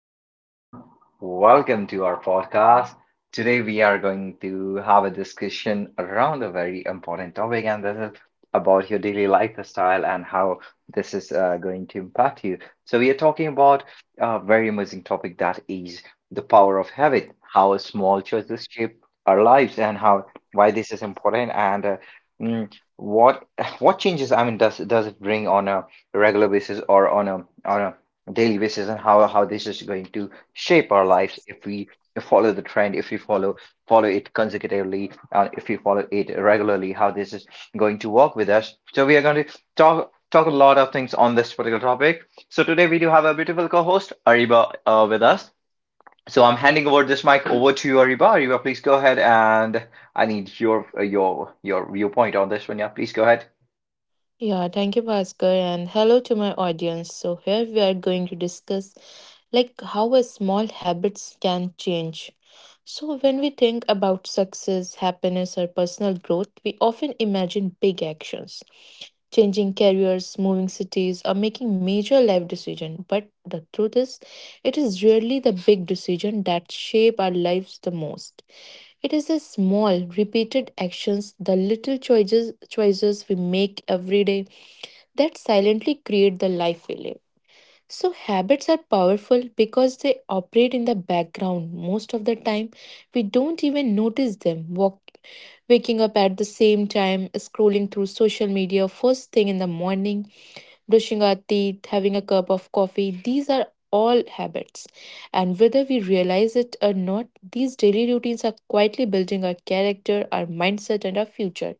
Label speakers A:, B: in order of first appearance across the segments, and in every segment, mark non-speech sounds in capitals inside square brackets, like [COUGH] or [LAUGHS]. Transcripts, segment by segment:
A: everyone. Welcome to our podcast. Today, we are going to have a discussion around a very important topic, and this is about your daily lifestyle and how this is going to impact you. So, we are talking about a very amazing topic, that is the power of habit, how small choices shape our lives, and how, why this is important, and mm, what [LAUGHS] what changes, I mean, does it bring on a regular basis or on a daily basis, and how this is going to shape our lives if we follow the trend, if we follow it consecutively, if we follow it regularly, how this is going to work with us. So we are going to talk a lot of things on this particular topic. So today we do have a beautiful co-host, Ariba, with us. So I'm handing over this mic over to you, Ariba. Ariba, please go ahead, and I need your viewpoint on this one. Yeah, please go ahead.
B: Yeah, thank you, Bhaskar, and hello to my audience. So, here we are going to discuss like how a small habits can change. So, when we think about success, happiness, or personal growth, we often imagine big actions, changing careers, moving cities, or making major life decisions. But the truth is, it is rarely the big decisions that shape our lives the most. It is the small, repeated actions, the little choices we make every day that silently create the life we live. So habits are powerful because they operate in the background most of the time. We don't even notice them. Waking up at the same time, scrolling through social media first thing in the morning, brushing our teeth, having a cup of coffee. These are all habits. And whether we realize it or not, these daily routines are quietly building our character, our mindset, and our future.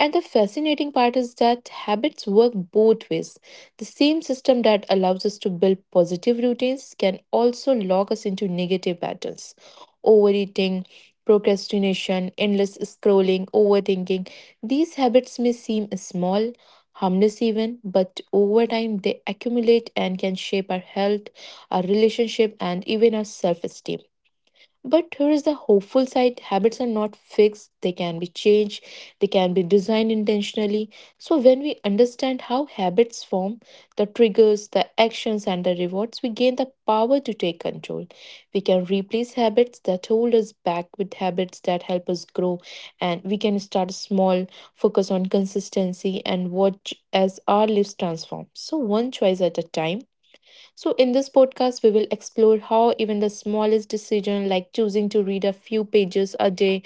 B: And the fascinating part is that habits work both ways. The same system that allows us to build positive routines can also lock us into negative patterns. Overeating, procrastination, endless scrolling, overthinking. These habits may seem small, harmless even, but over time they accumulate and can shape our health, our relationship, and even our self esteem. But here is the hopeful side: habits are not fixed, they can be changed, they can be designed intentionally. So, when we understand how habits form, the triggers, the actions, and the rewards, we gain the power to take control. We can replace habits that hold us back with habits that help us grow, and we can start small, focus on consistency, and watch as our lives transform. So, one choice at a time. So, in this podcast, we will explore how even the smallest decision, like choosing to read a few pages a day,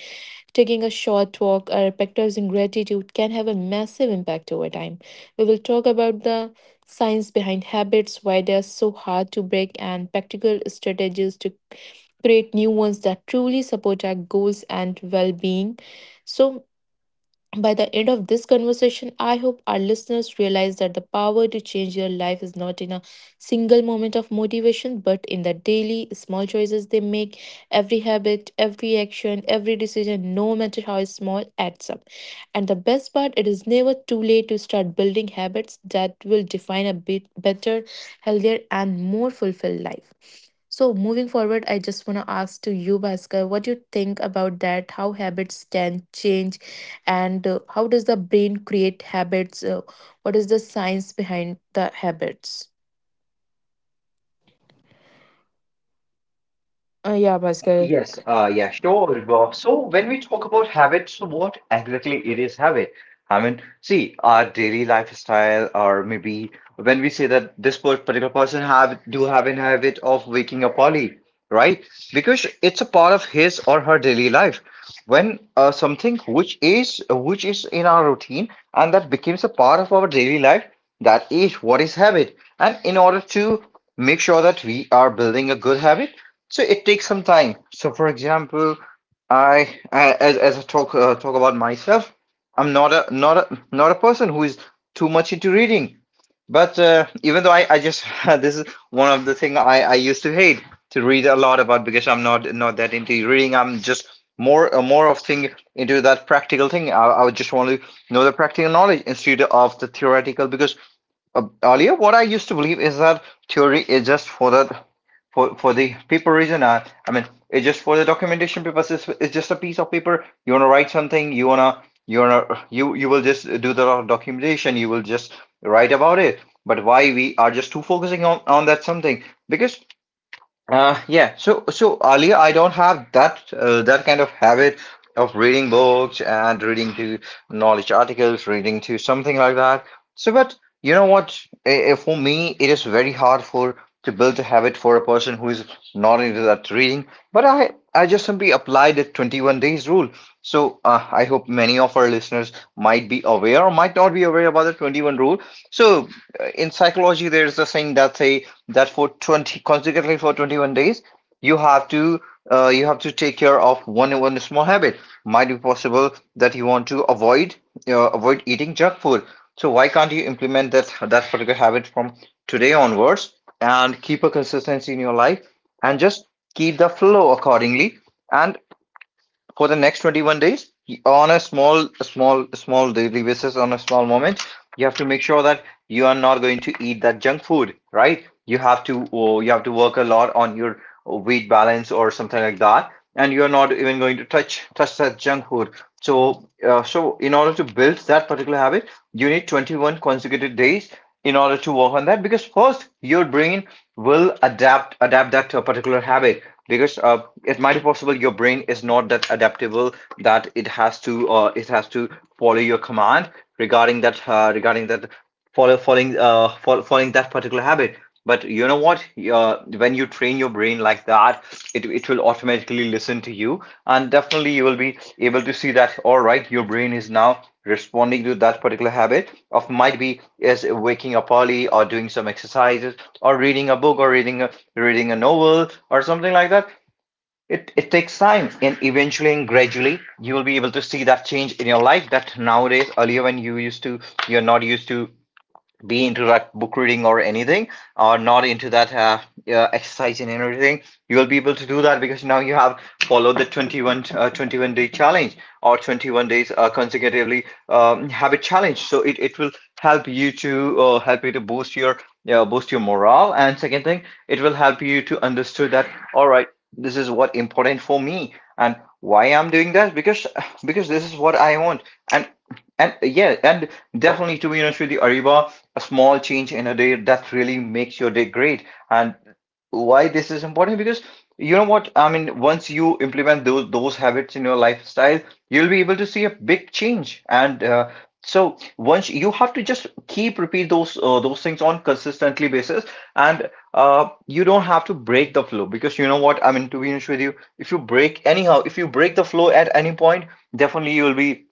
B: taking a short walk, or practicing gratitude, can have a massive impact over time. We will talk about the science behind habits, why they are so hard to break, and practical strategies to create new ones that truly support our goals and well being. So, by the end of this conversation, I hope our listeners realize that the power to change their life is not in a single moment of motivation, but in the daily small choices they make. Every habit, every action, every decision, no matter how small, adds up. And the best part, it is never too late to start building habits that will define a bit better, healthier, and more fulfilled life. So moving forward, I just want to ask to you, Bhaskar, what you think about that? How habits can change and how does the brain create habits, what is the science behind the habits? Yeah, Bhaskar.
A: Yes, yeah, sure. So when we talk about habit, so what exactly it is habit? I mean, see, our daily lifestyle, or maybe when we say that this particular person have do have an habit of waking up early, right? Because it's a part of his or her daily life. When something which is in our routine and that becomes a part of our daily life, that is what is habit. And in order to make sure that we are building a good habit, so it takes some time. So for example, I as I talk about myself, I'm not a person who is too much into reading. But even though I just [LAUGHS] this is one of the thing I used to hate to read a lot about, because I'm not that into reading. I'm just more of thing into that practical thing. I would just want to know the practical knowledge instead of the theoretical, because earlier what I used to believe is that theory is just for the for the paper reason, I mean, it's just for the documentation purposes. It's just a piece of paper. You want to write something, you want to you will just do the documentation, you will just write about it. But why we are just too focusing on that something? Because yeah. So earlier I don't have that that kind of habit of reading books and reading to knowledge articles, reading to something like that. So, but you know what? For me, it is very hard for to build a habit for a person who is not into that reading. But I just simply applied the 21 days rule. So, I hope many of our listeners might be aware or might not be aware about the 21 rule. So, in psychology, there's a saying that say that for 20 consecutively for 21 days, you have to you have to take care of one small habit. Might be possible that you want to avoid, avoid eating junk food. So why can't you implement that particular habit from today onwards, and keep a consistency in your life, and just keep the flow accordingly, and for the next 21 days, on a small daily basis, on a small moment, you have to make sure that you are not going to eat that junk food, right? You have to, oh, you have to work a lot on your weight balance or something like that, and you are not even going to touch that junk food. So so in order to build that particular habit, you need 21 consecutive days in order to work on that, because first your brain will adapt that to a particular habit, because it might be possible your brain is not that adaptable, that it has to follow your command regarding that, regarding that following that particular habit. But you know what, when you train your brain like that, it will automatically listen to you, and definitely you will be able to see that, all right, your brain is now responding to that particular habit, of might be is waking up early, or doing some exercises, or reading a book, or reading a novel or something like that. It takes time, and eventually and gradually you will be able to see that change in your life, that nowadays, earlier when you used to, you're not used to be into like book reading or anything, or not into that exercise and everything, you will be able to do that because now you have followed the 21-day challenge, or 21 days consecutively, habit challenge. So it will help you to boost your, yeah, boost your morale. And second thing, it will help you to understood that, all right, this is what important for me, and why I'm doing that, because this is what I want. And and yeah, and definitely, to be honest with you, Ariba, a small change in a day that really makes your day great. And why this is important? Because you know what, I mean, once you implement those habits in your lifestyle, you'll be able to see a big change. And so once you have to just keep repeat those things on consistently basis, and you don't have to break the flow, because you know what, I mean, to be honest with you, if you break anyhow, if you break the flow at any point, definitely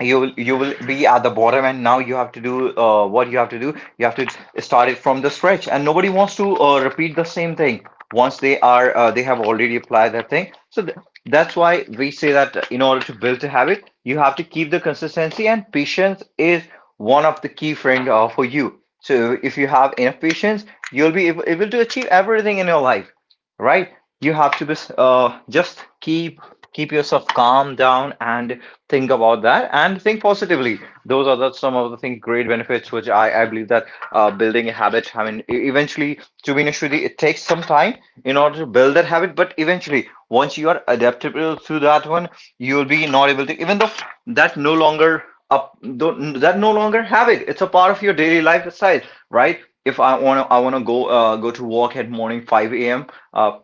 A: you will be at the bottom, and now you have to do, what you have to do, you have to start it from the stretch, and nobody wants to repeat the same thing once they are they have already applied that thing. So th That's why we say that in order to build a habit, you have to keep the consistency, and patience is one of the key friend for you. So if you have enough patience, you'll be able to achieve everything in your life, right? You have to be just keep yourself calm down and think about that and think positively. Those are the some of the thing great benefits which I believe that, building a habit. I mean, eventually, to be honest with you, it takes some time in order to build that habit. But eventually, once you are adaptable to that one, you will be not able to. Even though that no longer, up, don't, that no longer habit, it's a part of your daily lifestyle, right? If I I wanna go go to work at morning 5 a.m., are,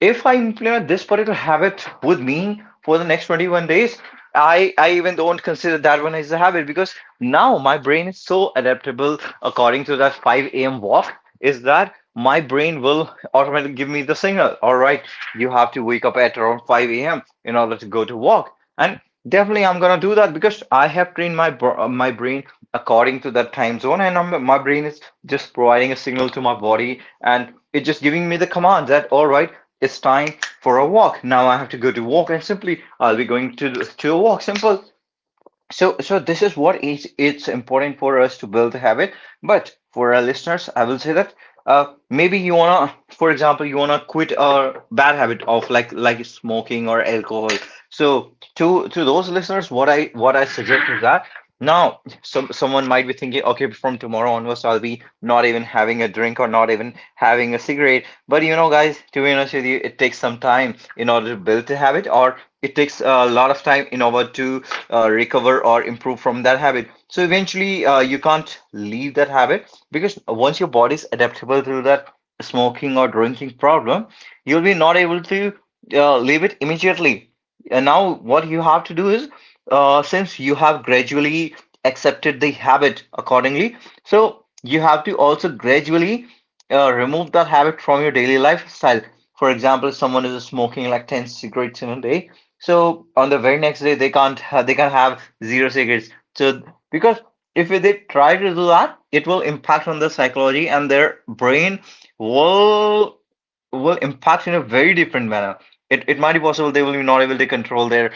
A: if I implement this particular habit with me for the next 21 days, I even don't consider that one as a habit, because now my brain is so adaptable according to that 5 a.m. walk, is that my brain will automatically give me the signal. All right, you have to wake up at around 5 a.m. in order to go to walk. And definitely I'm gonna do that because I have trained my my brain according to that time zone, and my brain is just providing a signal to my body, and it's just giving me the command that, all right, it's time for a walk. Now I have to go to walk, and simply I'll be going to a walk. Simple. So this is what is it's important for us to build a habit. But for our listeners, I will say that maybe you wanna, for example, you wanna quit a bad habit of like smoking or alcohol. So to those listeners, what I suggest is that now someone might be thinking, okay, from tomorrow onwards, I'll be not even having a drink or not even having a cigarette. But you know, guys, to be honest with you, it takes some time in order to build a habit, or it takes a lot of time in order to recover or improve from that habit. So eventually, you can't leave that habit, because once your body is adaptable to that smoking or drinking problem, you'll be not able to leave it immediately. And now, what you have to do is, since you have gradually accepted the habit accordingly, so you have to also gradually remove that habit from your daily lifestyle. For example, if someone is smoking like 10 cigarettes in a day, so on the very next day, they can't ha- they can have zero cigarettes. So because if they try to do that, it will impact on the psychology and their brain will will impact in a very different manner. It might be possible they will be not able to control their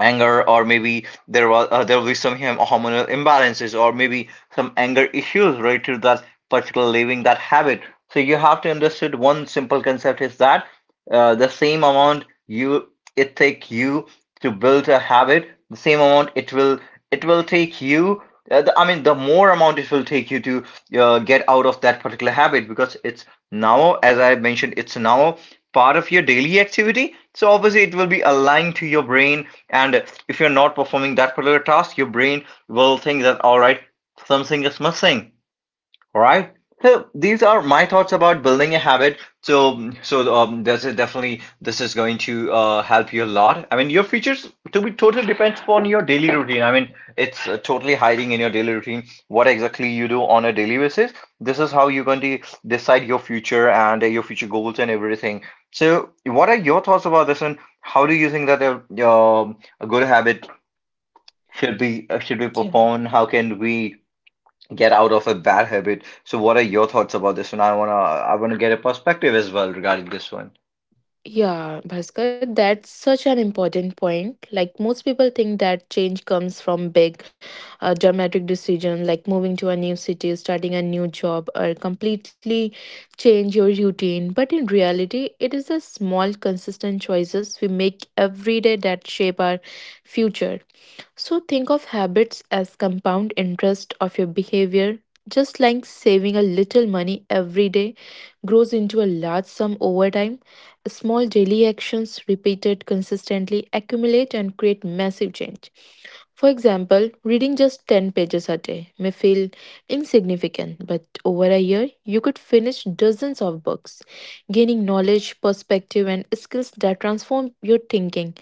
A: anger, or maybe there will be some hormonal imbalances, or maybe some anger issues related to that particular living that habit. So you have to understand one simple concept is that the same amount you it take you to build a habit, the same amount it will take you. The more amount it will take you to get out of that particular habit because as I mentioned, it's now part of your daily activity. So obviously, it will be aligned to your brain. And if you're not performing that particular task, your brain will think that, all right, something is missing. All right. So these are my thoughts about building a habit. This is definitely this is going to help you a lot. I mean, your features to be totally depends upon your daily routine. I mean, it's totally hiding in your daily routine what exactly you do on a daily basis. This is how you're going to decide your future and your future goals and everything. So what are your thoughts about this, and how do you think that a good habit should be
B: Yeah
A: performed? How can we get out of a bad habit? So what are your thoughts about this one? I wanna get a perspective as well regarding this one.
B: yeah, Bhaskar, that's such an important point. Like, most people think that change comes from big dramatic decision, like moving to a new city, starting a new job, or completely change your routine. But in reality, it is the small consistent choices we make every day that shape our future. So think of habits as compound interest of your behavior. Just like saving a little money every day grows into a large sum over time, small daily actions repeated consistently accumulate and create massive change. For example, reading just 10 pages a day may feel insignificant, but over a year, you could finish dozens of books, gaining knowledge, perspective, and skills that transform your thinking.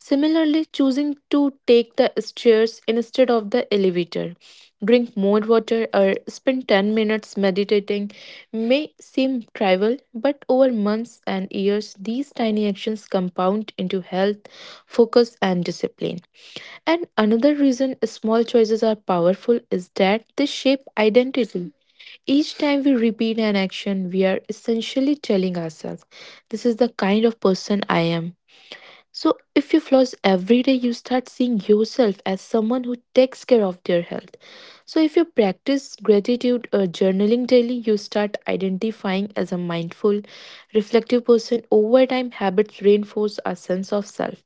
B: Similarly, choosing to take the stairs instead of the elevator, drink more water, or spend 10 minutes meditating may seem trivial, but over months and years, these tiny actions compound into health, focus, and discipline. And another reason small choices are powerful is that they shape identity. Each time we repeat an action, we are essentially telling ourselves, "This is the kind of person I am." So, if you floss every day, you start seeing yourself as someone who takes care of their health. So, if you practice gratitude or journaling daily, you start identifying as a mindful, reflective person. Over time, habits reinforce our sense of self,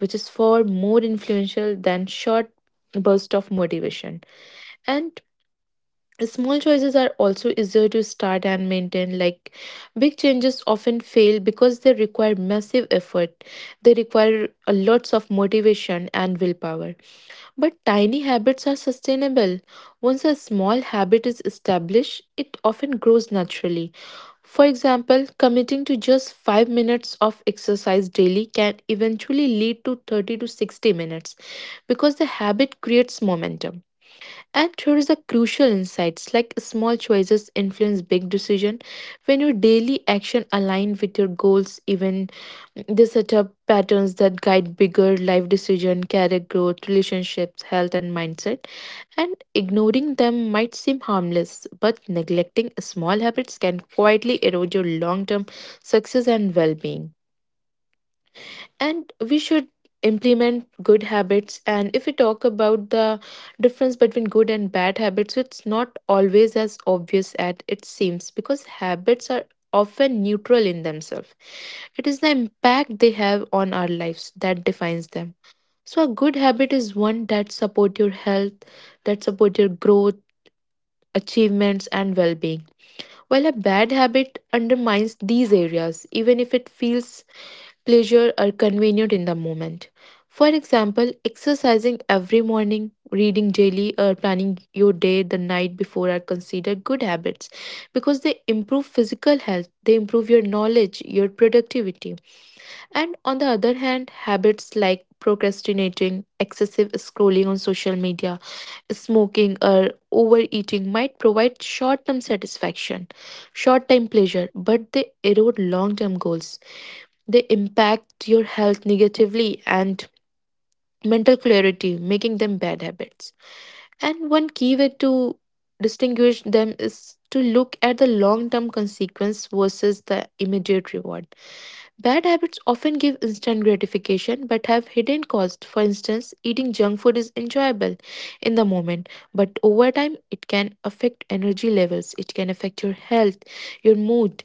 B: which is far more influential than short bursts of motivation. And small choices are also easier to start and maintain, like big changes often fail because they require massive effort. They require a lots of motivation and willpower. But tiny habits are sustainable. Once a small habit is established, it often grows naturally. For example, committing to just 5 minutes of exercise daily can eventually lead to 30 to 60 minutes because the habit creates momentum. And here is a crucial insights, like small choices influence big decision. When your daily action align with your goals, even they set up patterns that guide bigger life decision, career growth, relationships, health and mindset. And ignoring them might seem harmless, but neglecting small habits can quietly erode your long-term success and well-being. And we should implement good habits. And if we talk about the difference between good and bad habits, it's not always as obvious as it seems, because habits are often neutral in themselves. It is the impact they have on our lives that defines them. So a good habit is one that support your health, that support your growth, achievements and well-being, while a bad habit undermines these areas even if it feels pleasure are convenient in the moment. For example, exercising every morning, reading daily, or planning your day the night before are considered good habits because they improve physical health, they improve your knowledge, your productivity. And on the other hand, habits like procrastinating, excessive scrolling on social media, smoking, or overeating might provide short term satisfaction, short term pleasure, but they erode long term goals. They impact your health negatively and mental clarity, making them bad habits. And one key way to distinguish them is to look at the long term consequence versus the immediate reward. Bad habits often give instant gratification but have hidden costs. For instance, eating junk food is enjoyable in the moment, but over time it can affect energy levels, it can affect your health, your mood,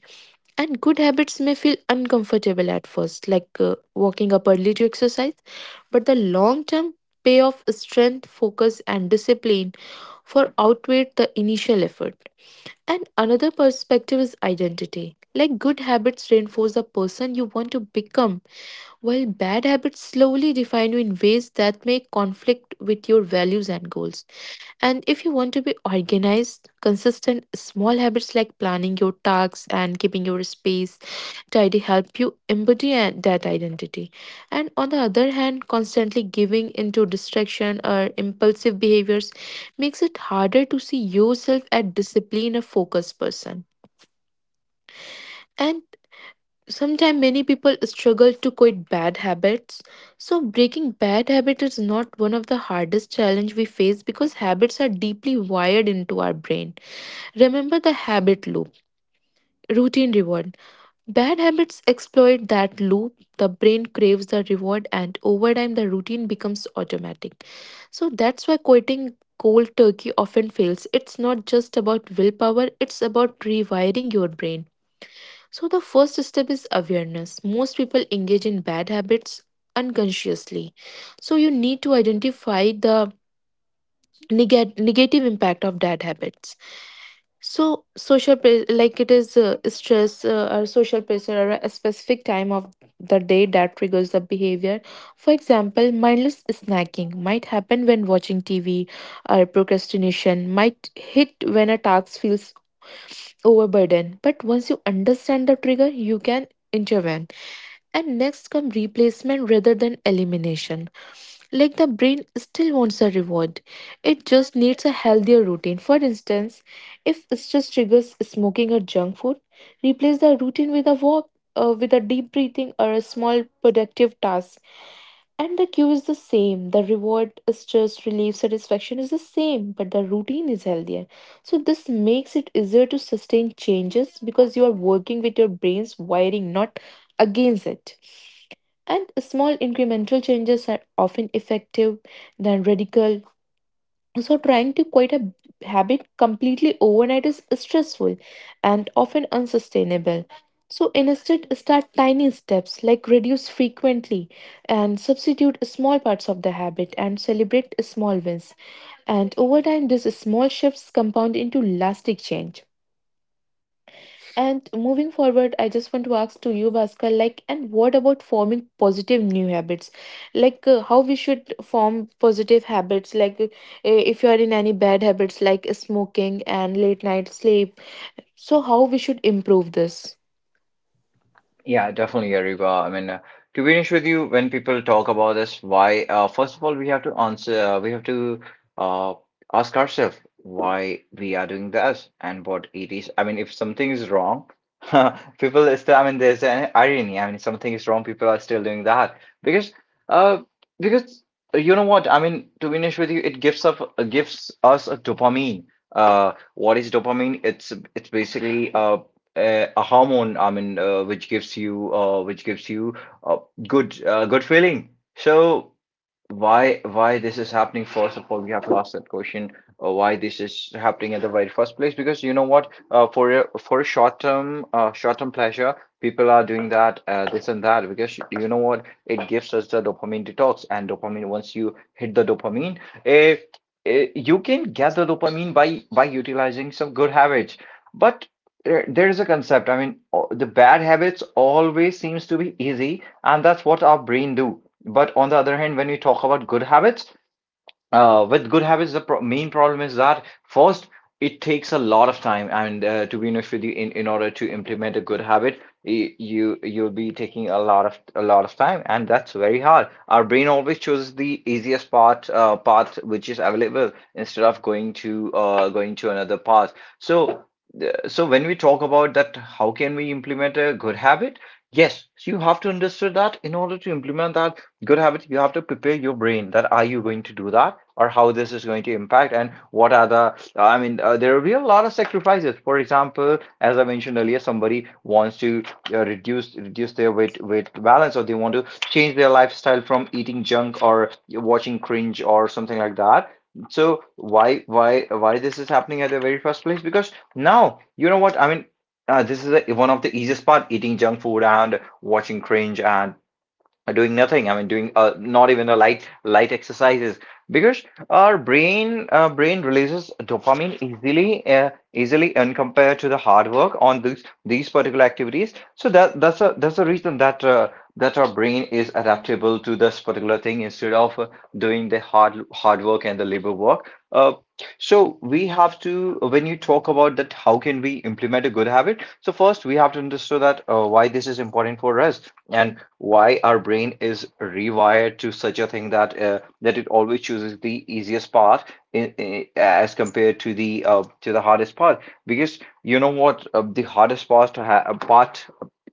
B: and good habits may feel uncomfortable at first, like walking up early to exercise, but the long term payoff, strength, focus, and discipline for outweigh the initial effort. And another perspective is identity. Like good habits reinforce the person you want to become, while bad habits slowly define you in ways that may conflict with your values and goals. And if you want to be organized, consistent small habits like planning your tasks and keeping your space tidy help you embody that identity. And on the other hand, constantly giving into distraction or impulsive behaviors makes it harder to see yourself as disciplined or focused person. And sometimes many people struggle to quit bad habits. So breaking bad habit is not one of the hardest challenge we face because habits are deeply wired into our brain. Remember the habit loop, routine reward. Bad habits exploit that loop. The brain craves the reward, and over time, the routine becomes automatic. So that's why quitting cold turkey often fails. It's not just about willpower, it's about rewiring your brain. So the first step is awareness. Most people engage in bad habits unconsciously. So you need to identify the negative impact of bad habits. So like it is, stress, or social pressure, or a specific time of the day that triggers the behavior. For example, mindless snacking might happen when watching TV, or procrastination might hit when a task feels overburdened. But once you understand the trigger, you can intervene. And next come replacement rather than elimination, like the brain still wants a reward. It just needs a healthier routine. For instance, if stress triggers smoking or junk food, replace the routine with a walk, with a deep breathing or a small productive task. And the cue is the same. The reward, stress, relief, satisfaction is the same, but the routine is healthier. So this makes it easier to sustain changes because you are working with your brain's wiring, not against it. And small incremental changes are often effective than radical. So trying to quit a habit completely overnight is stressful and often unsustainable. So instead start tiny steps, like reduce frequently and substitute small parts of the habit and celebrate small wins. And over time these small shifts compound into lasting change. And moving forward, I just want to ask to you, Bhaskar, like, and what about forming positive new habits? Like, how we should form positive habits? Like, if you are in any bad habits like smoking and late night sleep, so how we should improve this?
A: Yeah, definitely, Ariba. To be honest with you, when people talk about this, first of all, we have to we have to uh, ask ourselves why we are doing this and what it is. I mean, if something is wrong, [LAUGHS] people is still, I mean, there's an irony. I mean, something is wrong, people are still doing that because, uh, because you know what? I mean, to be honest with you, gives us a dopamine. What is dopamine? It's basically a hormone, which gives you a good feeling. So why this is happening, first of all we have to ask that question. Why this is happening at the very first place, because you know what, for a short term pleasure, people are doing that this and that, because you know what, it gives us the dopamine detox. And dopamine, once you hit the dopamine, eh, you can get the dopamine by utilizing some good habits. But there is a concept. The bad habits always seems to be easy, and that's what our brain do. But on the other hand, when we talk about good habits, with good habits, the pro main problem is that first, it takes a lot of time, and to be honest with you, in order to implement a good habit, you'll be taking a lot of time, and that's very hard. Our brain always chooses the easiest part path which is available instead of going to another path. So so when we talk about that, how can we implement a good habit? Yes, so you have to understand that in order to implement that good habit, you have to prepare your brain that are you going to do that, or how this is going to impact, and what are the, there will be a lot of sacrifices. For example, as I mentioned earlier, somebody wants to reduce their weight balance, or they want to change their lifestyle from eating junk or watching cringe or something like that. So why this is happening at the very first place, because now you know what, I mean, this is one of the easiest part, eating junk food and watching cringe and doing nothing. I mean doing Not even a light exercises, because our brain releases dopamine easily, and compared to the hard work on these particular activities. So that's a reason that that our brain is adaptable to this particular thing instead of doing the hard work and the labor work. So we have to, when you talk about that how can we implement a good habit, so first we have to understand that why this is important for us, and why our brain is rewired to such a thing that it always chooses the easiest part, as compared to the hardest part. Because you know what, the hardest part to ha- part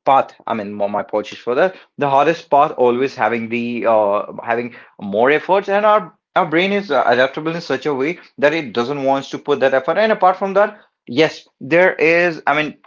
A: part I mean my apologies for that, the hardest part always having the having more efforts, and our brain is adaptable in such a way that it doesn't wants to put that effort. And apart from that, yes, there is, I mean,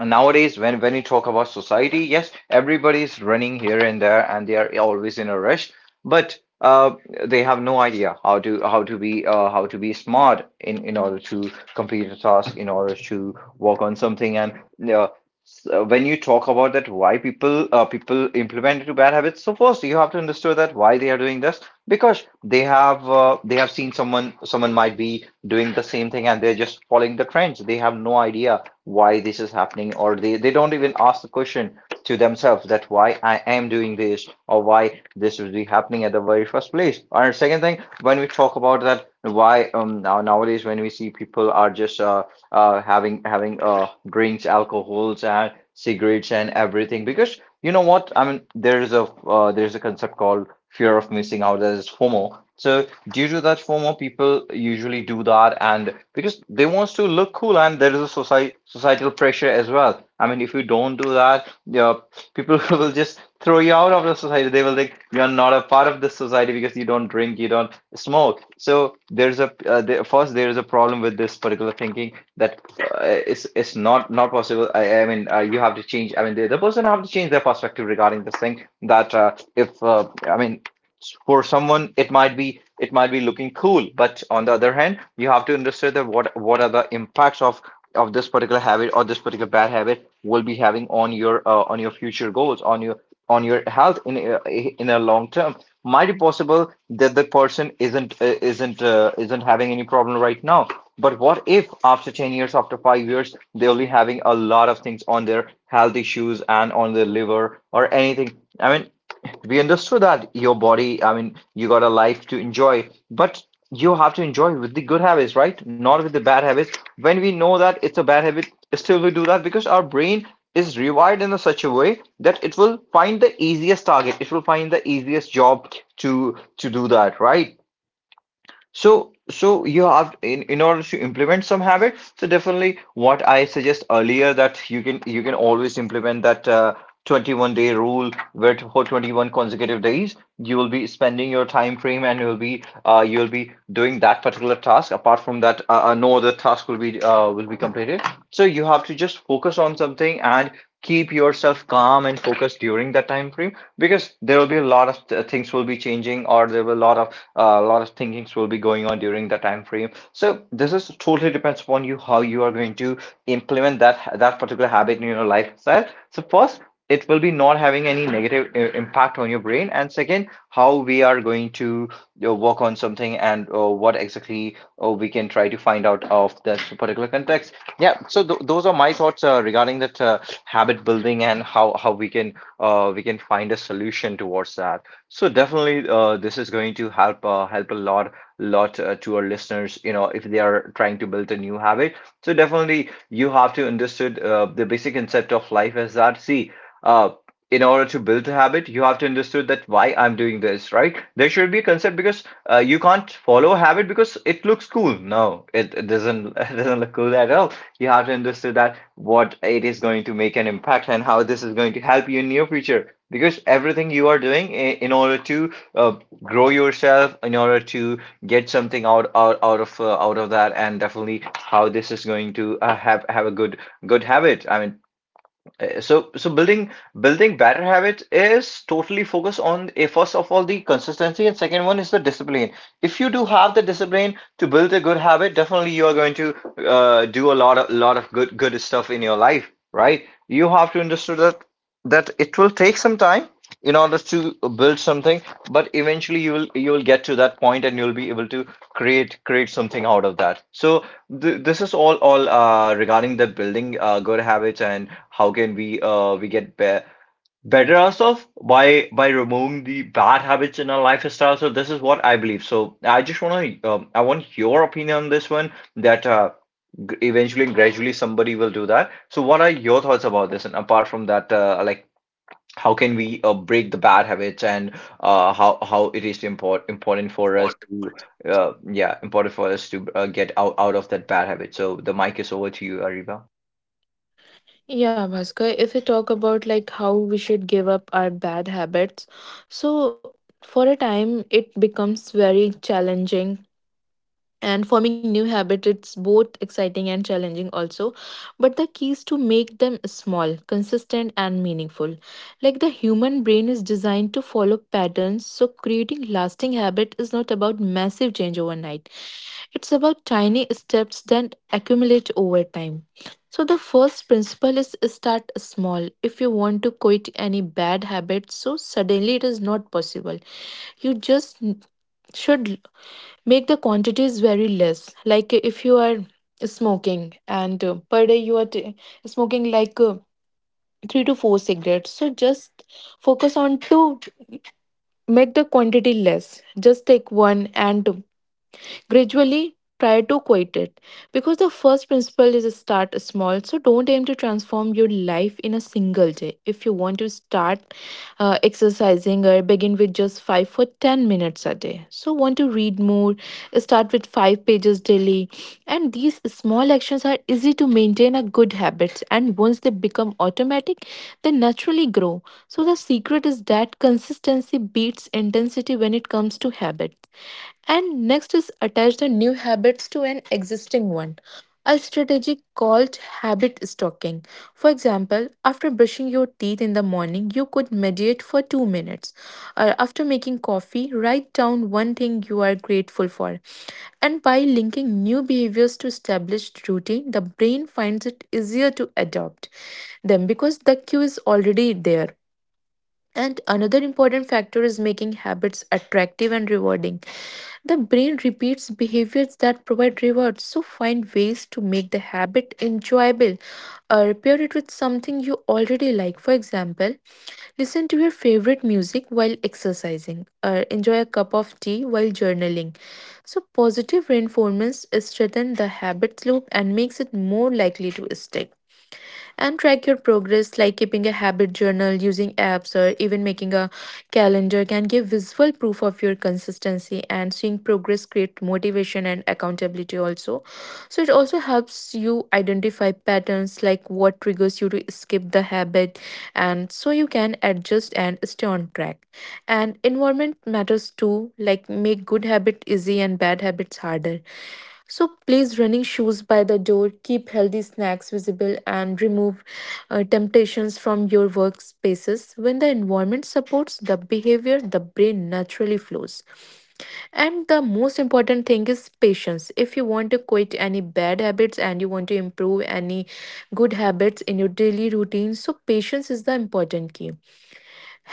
A: and nowadays when you talk about society, yes, everybody is running here and there, and they are always in a rush. But They have no idea how to be smart, in order to complete a task, in order to work on something. And uh, so when you talk about that, why people people implement into bad habits, so first you have to understand that why they are doing this. Because they have seen someone, might be doing the same thing, and they're just following the trends. They have no idea why this is happening, or they don't even ask the question to themselves that why I am doing this, or why this would be happening at the very first place. And second thing, when we talk about that, why now nowadays when we see people are just having drinks, alcohols and cigarettes and everything, because you know what? I mean, there's a, there's a concept called fear of missing out, that is FOMO. So due to that FOMO, people usually do that, and because they wants to look cool, and there is a society societal pressure as well. I mean, if you don't do that, yeah, people [LAUGHS] will just throw you out of the society. They will, like, you're not a part of this society because you don't drink, you don't smoke. So there's a first there is a problem with this particular thinking that it's not possible. You have to change. I mean, the person have to change their perspective regarding this thing. That if I mean, for someone it might be looking cool, but on the other hand, you have to understand that what are the impacts of this particular habit, or this particular bad habit will be having on your future goals, on your health, in a long term. Might be possible that the person isn't having any problem right now, but what if after 10 years, after 5 years, they are only having a lot of things on their health issues and on their liver or anything. I mean, we understood that your body, I mean, you got a life to enjoy, but you have to enjoy with the good habits, right? Not with the bad habits. When we know that it's a bad habit, still we do that, because our brain is rewired in a such a way that it will find the easiest target. It will find the easiest job to do that, right? So you have, in order to implement some habit. So definitely, what I suggest earlier that you can always implement that 21-day rule, where for 21 consecutive days you will be spending your time frame, and you'll be doing that particular task. Apart from that, no other task will be, will be completed. So you have to just focus on something and keep yourself calm and focused during that time frame because there will be a lot of th- things will be changing, or there will a lot of thinkings will be going on during that time frame. So this is totally depends upon you how you are going to implement that particular habit in your lifestyle. So first it will be not having any negative impact on your brain, and second, how we are going to work on something and what exactly we can try to find out of this particular context. Yeah, so th those are my thoughts regarding that, habit building and how we can, we can find a solution towards that. So definitely, this is going to help, help a lot, to our listeners. You know, if they are trying to build a new habit, so definitely you have to understood, the basic concept of life is that, see, uh, in order to build a habit, you have to understood that why I'm doing this, right? There should be a concept because, you can't follow a habit because it looks cool. No, it doesn't [LAUGHS] it doesn't look cool at all. You have to understand that what it is going to make an impact and how this is going to help you in near future, because everything you are doing in order to, grow yourself, in order to get something out of that. And definitely how this is going to, have a good habit, I mean, so building better habits is totally focused on, a first of all, the consistency, and second one is the discipline. If you do have the discipline to build a good habit, definitely you are going to, do a lot of good stuff in your life, right? You have to understand that it will take some time in order to build something, but eventually you will get to that point, and you'll be able to create something out of that. So Th this is all regarding the building, good habits and how can we, we get be better ourselves by removing the bad habits in our lifestyle. So this is what I believe. So I just want to, I want your opinion on this one that, g eventually and gradually somebody will do that. So what are your thoughts about this? And apart from that, like, how can we, break the bad habits, and, how it is important important for us to, yeah, important for us to, get out, out of that bad habit. So the mic is over to you, Ariba.
B: Yeah, Bhaskar, if we talk about like how we should give up our bad habits, so for a time it becomes very challenging, and forming new habits it's both exciting and challenging also. But the key is to make them small, consistent and meaningful, like the human brain is designed to follow patterns. So creating lasting habit is not about massive change overnight, it's about tiny steps that accumulate over time. So the first principle is start small. If you want to quit any bad habit so suddenly, it is not possible. You just should make the quantities very less. Like if you are smoking and per day you are smoking like 3 to 4 cigarettes, so just focus on to make the quantity less, just take one and gradually try to quit it, because the first principle is start small. So, don't aim to transform your life in a single day. If you want to start exercising or begin with just 5 for 10 minutes a day. So, want to read more, start with 5 pages daily. And these small actions are easy to maintain a good habits, and once they become automatic, they naturally grow. So the secret is that consistency beats intensity when it comes to habits. And next is attach the new habits to an existing one. A strategy called habit stocking. For example, after brushing your teeth in the morning, you could meditate for 2 minutes. Or after making coffee, write down one thing you are grateful for. And by linking new behaviors to established routine, the brain finds it easier to adopt them because the cue is already there. And another important factor is making habits attractive and rewarding. The brain repeats behaviors that provide rewards, so find ways to make the habit enjoyable or pair it with something you already like. For example, listen to your favorite music while exercising or enjoy a cup of tea while journaling. So, positive reinforcements strengthen the habit loop and makes it more likely to stick. And track your progress, like keeping a habit journal, using apps, or even making a calendar can give visual proof of your consistency. And seeing progress create motivation and accountability also. So it also helps you identify patterns, like what triggers you to skip the habit, and so you can adjust and stay on track. And environment matters too, like make good habit easy and bad habits harder. So place running shoes by the door, keep healthy snacks visible, and remove temptations from your workspaces. When the environment supports the behavior, the brain naturally flows. And the most important thing is patience. If you want to quit any bad habits and you want to improve any good habits in your daily routine, so patience is the important key.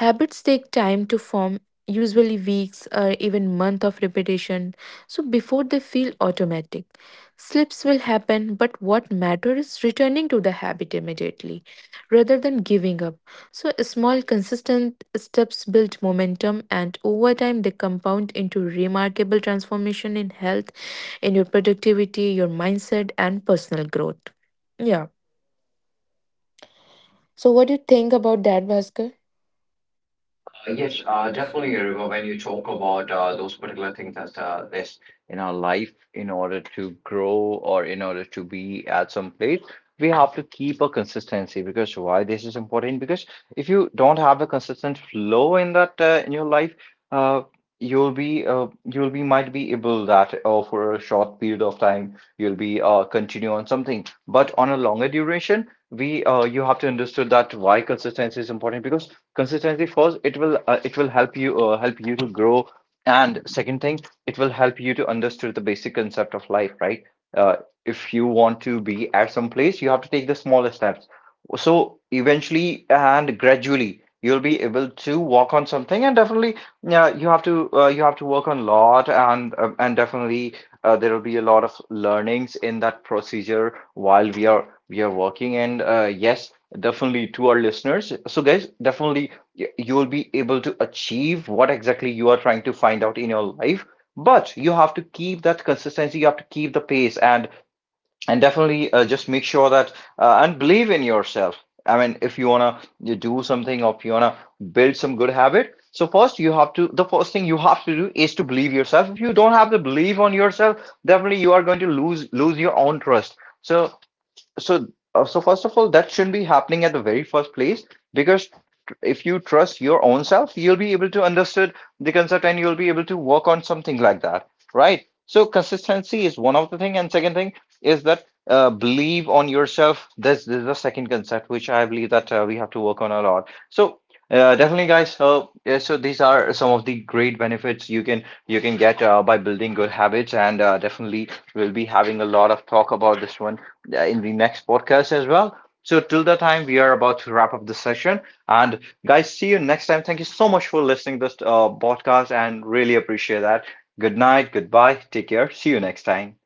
B: Habits take time to form, usually weeks or even months of repetition, so before they feel automatic. Slips will happen, but what matters is returning to the habit immediately rather than giving up. So, small, consistent steps build momentum, and over time, they compound into remarkable transformation in health, in your productivity, your mindset, and personal growth. Yeah. So, what do you think about that, Bhaskar?
A: Yes, definitely, River. When you talk about, those particular things as, this in our life, in order to grow or in order to be at some place, we have to keep a consistency, because why this is important? Because if you don't have a consistent flow in that, in your life, uh, you'll be might be able that, for a short period of time you'll be, continue on something, but on a longer duration, we you have to understand that why consistency is important, because consistency, first, it will, it will help you, help you to grow, and second thing, it will help you to understand the basic concept of life, right? uh, if you want to be at some place, you have to take the smaller steps. So eventually and gradually you'll be able to walk on something, and definitely, yeah, you have to, you have to work on a lot, and, and definitely, there will be a lot of learnings in that procedure while we are working. And, yes, definitely, to our listeners. So guys, definitely, you will be able to achieve what exactly you are trying to find out in your life, but you have to keep that consistency, you have to keep the pace, and definitely, just make sure that, and believe in yourself. I mean, if you want to do something, or if you want to build some good habit, so first you have to the first thing you have to do is to believe yourself. If you don't have the belief on yourself, definitely you are going to lose your own trust. So so uh, so first of all, that shouldn't be happening at the very first place, because, if you trust your own self, you'll be able to understand the concept, and you'll be able to work on something like that, right? So consistency is one of the thing, and second thing is that, believe on yourself. This is the second concept which I believe that, we have to work on a lot. So, definitely guys, so yeah, so these are some of the great benefits you can, you can get, by building good habits. And, definitely we'll be having a lot of talk about this one, in the next podcast as well. So, till the time, we are about to wrap up the session. And, guys, see you next time. Thank you so much for listening to this, podcast, and really appreciate that. Good night, goodbye, take care. See you next time.